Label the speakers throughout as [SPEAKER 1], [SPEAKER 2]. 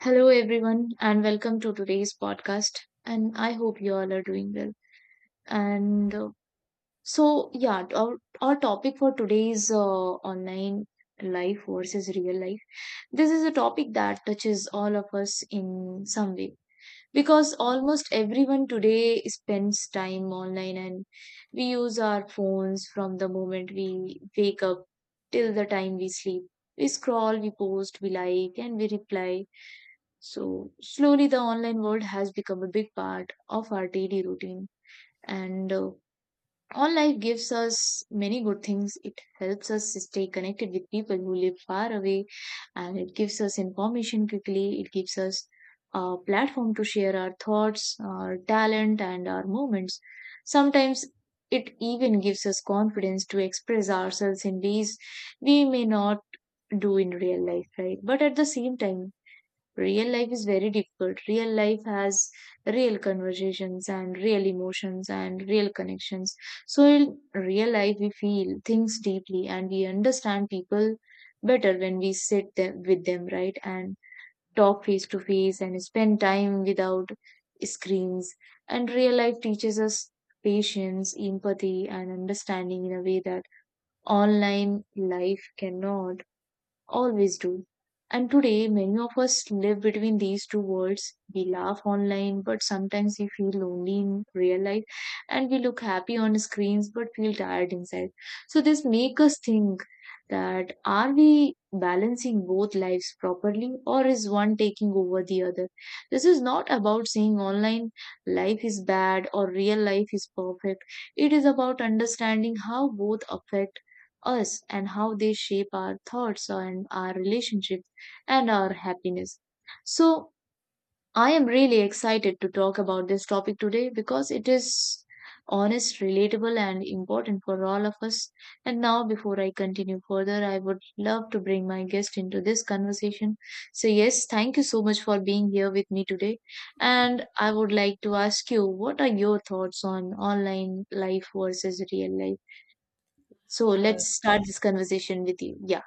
[SPEAKER 1] Hello, everyone, and welcome to today's podcast. And I hope you all are doing well. And uh, our topic for today is online life versus real life. This is a topic that touches all of us in some way because almost everyone today spends time online, and we use our phones from the moment we wake up till the time we sleep. We scroll, we post, we like, and we reply. So slowly, the online world has become a big part of our daily routine. And Online gives us many good things. It helps us stay connected with people who live far away, and it gives us information quickly. It gives us a platform to share our thoughts, our talent, and our moments. Sometimes it even gives us confidence to express ourselves in ways we may not do in real life, right? But at the same time, real life is very difficult. Real life has real conversations and real emotions and real connections. So, in real life, we feel things deeply and we understand people better when we sit them, with them, right? And talk face to face and spend time without screens. And real life teaches us patience, empathy, and understanding in a way that online life cannot always do. And today, many of us live between these two worlds. We laugh online, but sometimes we feel lonely in real life, and we look happy on screens, but feel tired inside. So this make us think that are we balancing both lives properly, or is one taking over the other? This is not about saying online life is bad or real life is perfect. It is about understanding how both affect us and how they shape our thoughts and our relationships and our happiness. So, I am really excited to talk about this topic today because it is honest, relatable, and important for all of us. And now, before I continue further, I would love to bring my guest into this conversation. So, yes, thank you so much for being here with me today. And I would like to ask you, what are your thoughts on online life versus real life? So let's start this conversation with you. Yeah.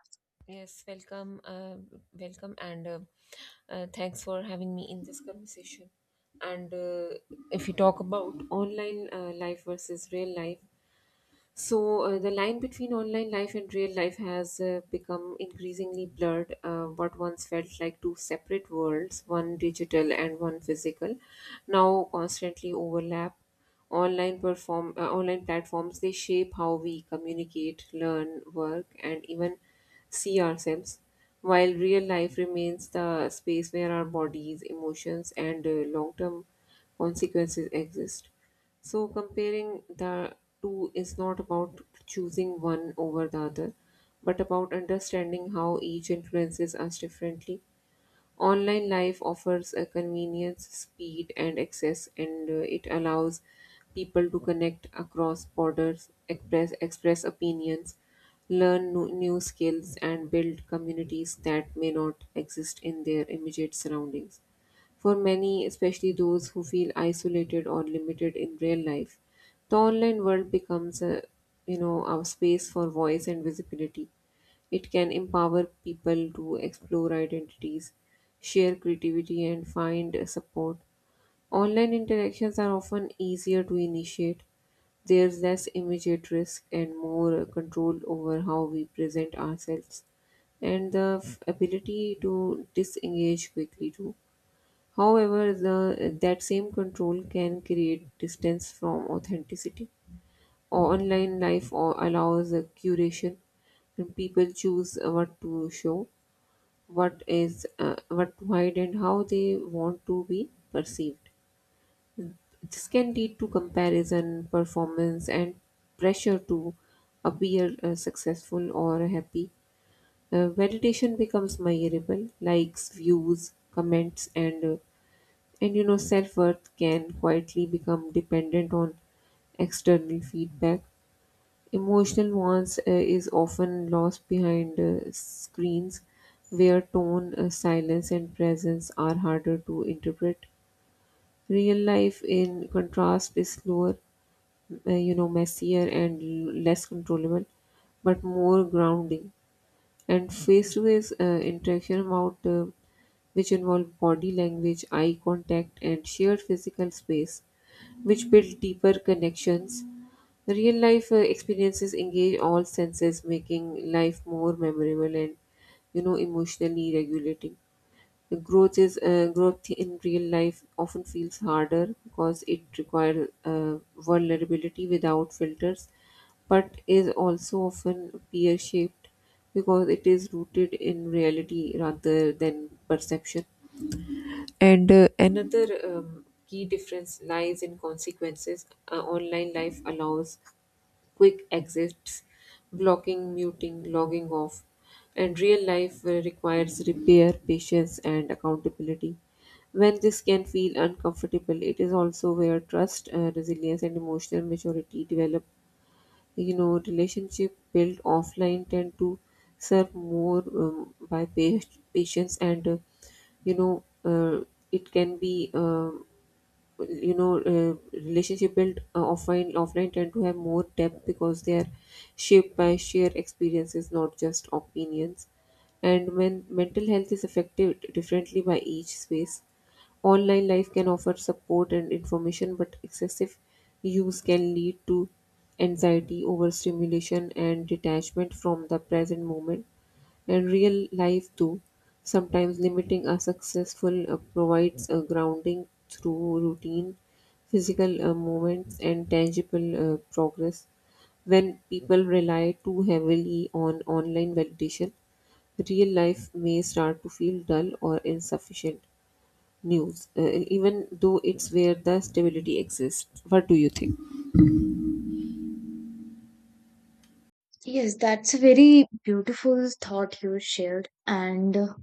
[SPEAKER 1] Yes, that's a very beautiful thought you shared. And uh,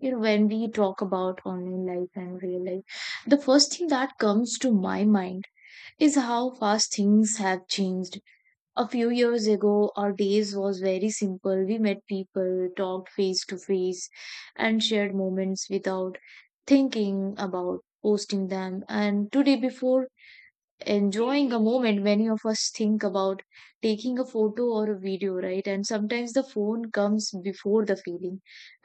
[SPEAKER 1] you know, When we talk about online life and real life, the first thing that comes to my mind is how fast things have changed. A few years ago, our days was very simple. We met people, talked face to face, and shared moments without thinking about posting them. And today, before enjoying a moment, many of us think about taking a photo or a video, right? And sometimes the phone comes before the feeling.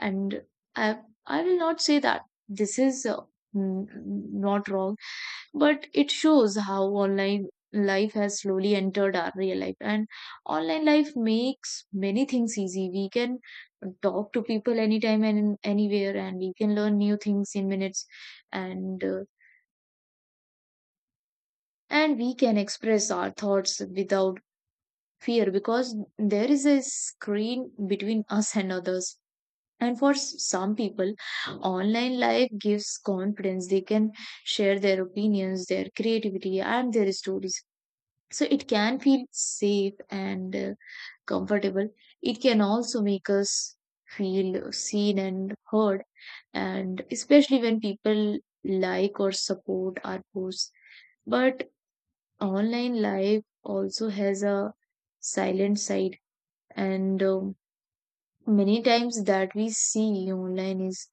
[SPEAKER 1] And i I will not say that this is n- not wrong, but it shows how online life has slowly entered our real life. And online life makes many things easy. We can talk to people anytime and anywhere, and we can learn new things in minutes. And uh, and we can express our thoughts without fear because there is a screen between us and others. And for some people, online life gives confidence. They can share their opinions, their creativity, and their stories. So it can feel safe and comfortable. It can also make us feel seen and heard, and especially when people like or support our posts. But online life also has a silent side. And Many times that we see online is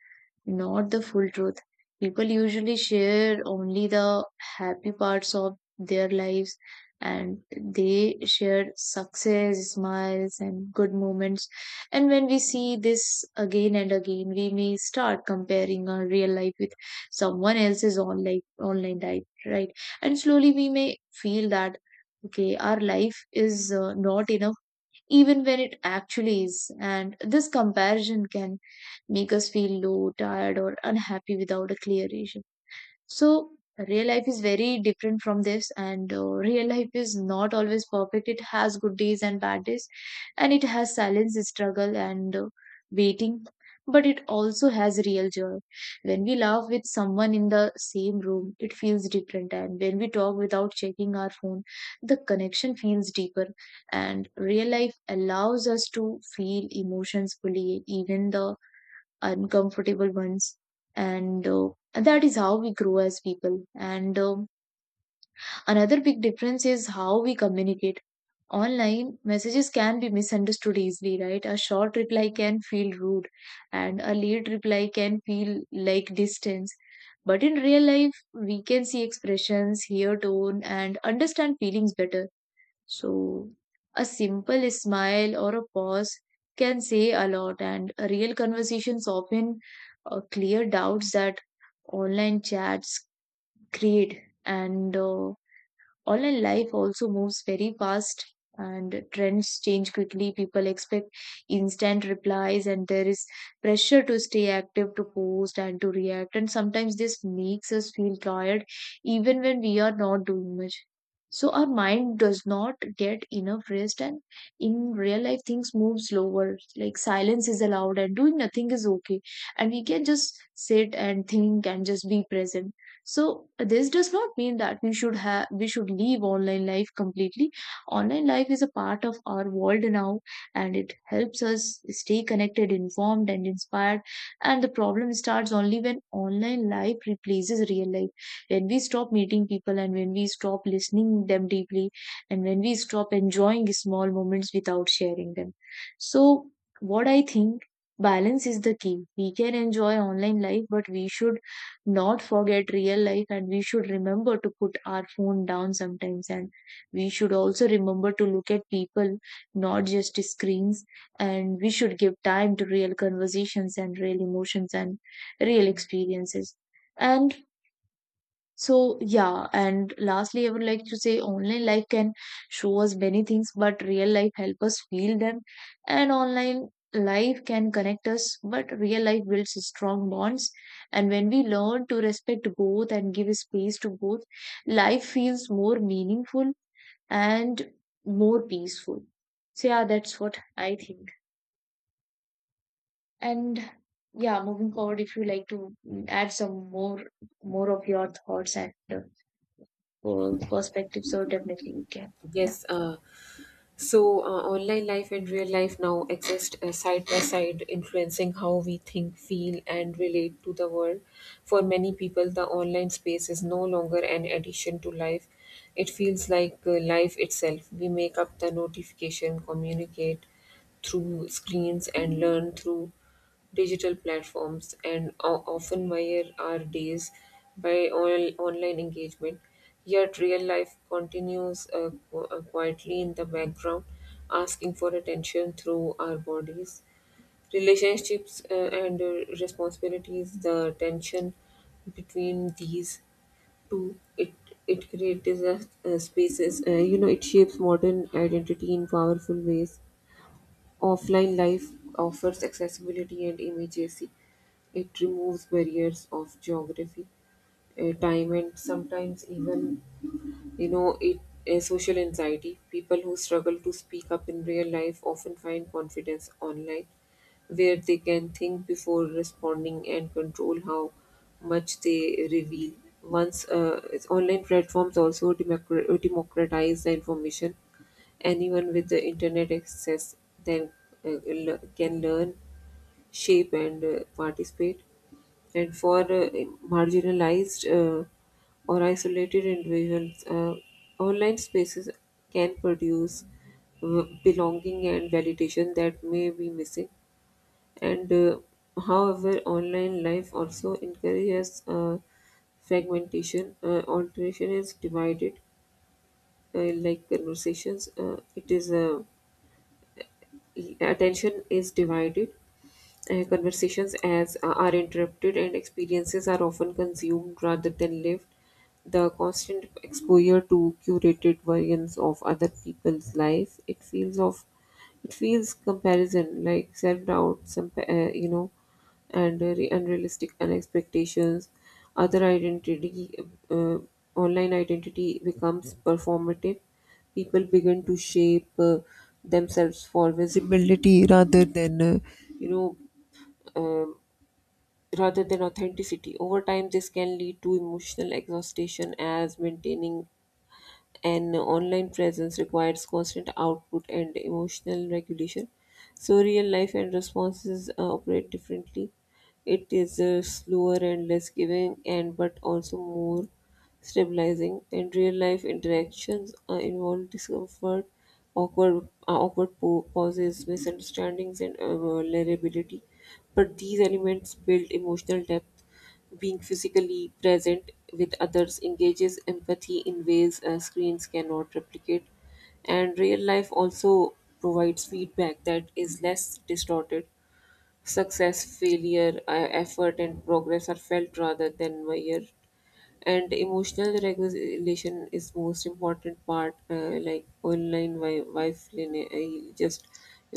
[SPEAKER 1] not the full truth. People usually share only the happy parts of their lives, and they share success, smiles, and good moments. And when we see this again and again, we may start comparing our real life with someone else's online life, right? And slowly we may feel that, okay, our life is not enough, even when it actually is. And this comparison can make us feel low, tired, or unhappy without a clear reason. So real life is very different from this, and real life is not always perfect. It has good days and bad days, and it has silence, struggle, and waiting. But it also has real joy. When we laugh with someone in the same room, it feels different. And when we talk without checking our phone, the connection feels deeper. And real life allows us to feel emotions fully, even the uncomfortable ones. And That is how we grow as people. And Another big difference is how we communicate. Online messages can be misunderstood easily, right? A short reply can feel rude, and a late reply can feel like distance. But in real life, we can see expressions, hear tone, and understand feelings better. So, a simple smile or a pause can say a lot, and real conversations often clear doubts that online chats create. And Online life also moves very fast, and trends change quickly. People expect instant replies, and there is pressure to stay active, to post, and to react. And sometimes this makes us feel tired even when we are not doing much. So our mind does not get enough rest. And in real life, things move slower. Like, silence is allowed and doing nothing is okay, and we can just sit and think and just be present. So this does not mean that we should leave online life completely. Online life is a part of our world now, and it helps us stay connected, informed, and inspired. And the problem starts only when online life replaces real life, when we stop meeting people, and when we stop listening them deeply, and when we stop enjoying small moments without sharing them. So what I think, balance is the key. We can enjoy online life, but we should not forget real life. And we should remember to put our phone down sometimes, and we should also remember to look at people, not just screens. And we should give time to real conversations and real emotions and real experiences. And so yeah, and lastly, I would like to say online life can show us many things, but real life help us feel them. And online life can connect us, but real life builds strong bonds. And when we learn to respect both and give space to both, life feels more meaningful and more peaceful. So yeah, that's what I think. And yeah, moving forward, if you like to add some more of your thoughts and whole perspective, so definitely you can. Yeah.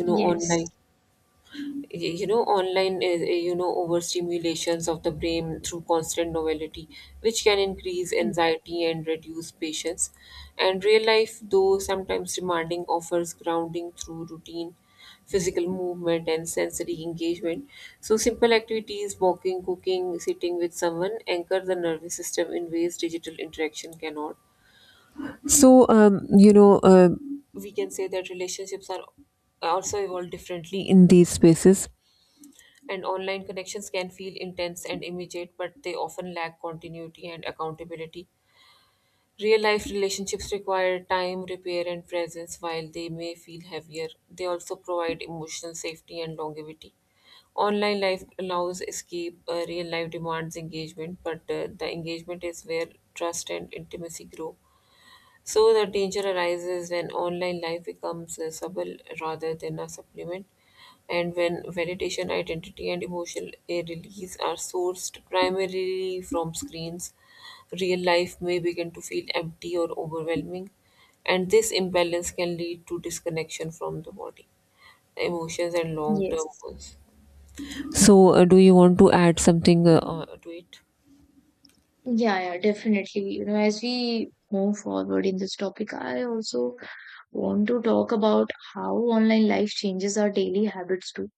[SPEAKER 1] Yes.
[SPEAKER 2] So, um, you know, uh, we can say that relationships are also evolve differently in these spaces.
[SPEAKER 1] Yes.
[SPEAKER 2] Do you want to add something to it?
[SPEAKER 1] Yeah, yeah, definitely. You know, as we move forward in this topic, I also want to talk about how online life changes our daily habits too.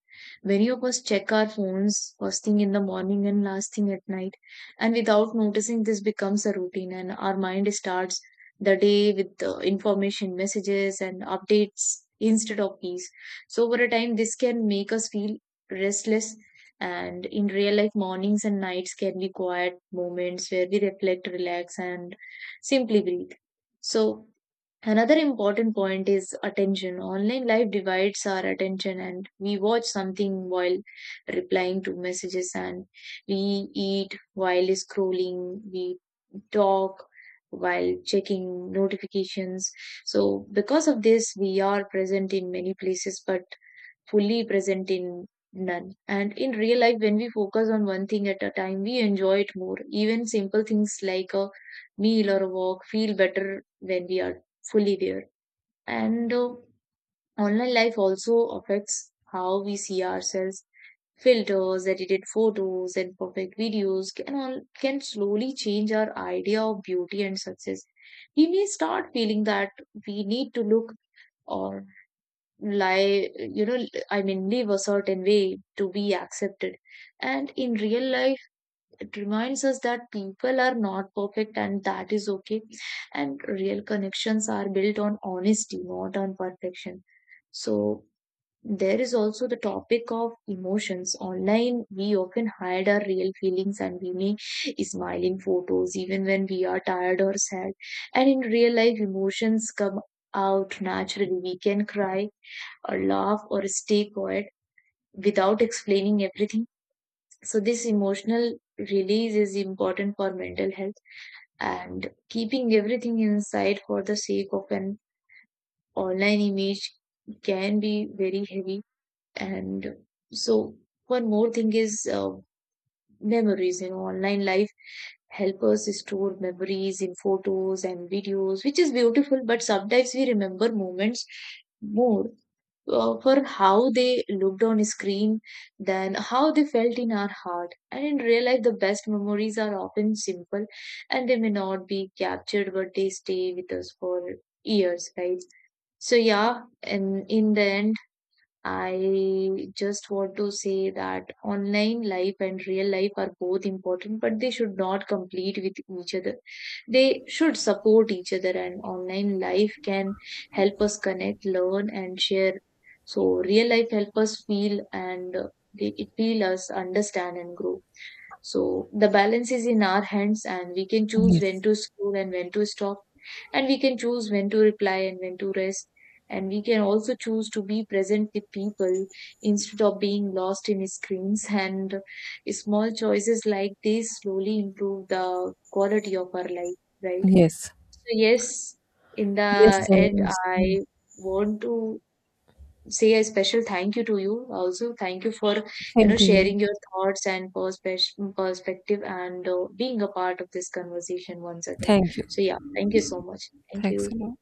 [SPEAKER 1] Many of us check our phones first thing in the morning and last thing at night, and without noticing, this becomes a routine, and our mind starts the day with the information, messages, and updates instead of peace. So, over a time, this can make us feel restless. And in real life, mornings and nights can be quiet moments where we reflect, relax, and simply breathe. So, another important point is attention. Online life divides our attention, and we watch something while replying to messages, and we eat while scrolling, we talk while checking notifications. So because of this, we are present in many places, but fully present in none. And in real life, when we focus on one thing at a time, we enjoy it more. Even simple things like a meal or a walk feel better when we are fully there. And Online life also affects how we see ourselves. Filters, edited photos, and perfect videos can slowly change our idea of beauty and success. We may start feeling that we need to look or lie you know I mean live a certain way to be accepted. And in real life, it reminds us that people are not perfect and that is okay, and real connections are built on honesty, not on perfection. So there is also the topic of emotions. Online, we often hide our real feelings, and we may smile in photos even when we are tired or sad. And in real life, emotions come out naturally. We can cry or laugh or a stay quiet without explaining everything. So this emotional release is important for mental health, and keeping everything inside for the sake of an online image can be very heavy. And so one more thing is memories. In online life, help us store memories in photos and videos, which is beautiful. But sometimes we remember moments more for how they looked on screen than how they felt in our heart. And in real life, the best memories are often simple, and they may not be captured, but they stay with us for years, right? So yeah, and in the end, I just want to say that online life and real life are both important, but they should not complete with each other. They should support each other, and online life can help us connect, learn, and share. So real life help us feel, and it feel us understand and grow. So the balance is in our hands, and we can choose when to scroll and when to stop, and we can choose when to reply and when to rest, and we can also choose to be present with people instead of being lost in screens. And small choices like this slowly improve the quality of our life, right? So yes, in the end, I want to say a special thank you to you. Also thank you for, you know,
[SPEAKER 2] Do you.
[SPEAKER 1] sharing your thoughts and perspective, and being a part of this conversation once again.
[SPEAKER 2] Thank you.
[SPEAKER 1] So yeah, thank you so much, thank
[SPEAKER 2] Thanks a
[SPEAKER 1] you.
[SPEAKER 2] lot.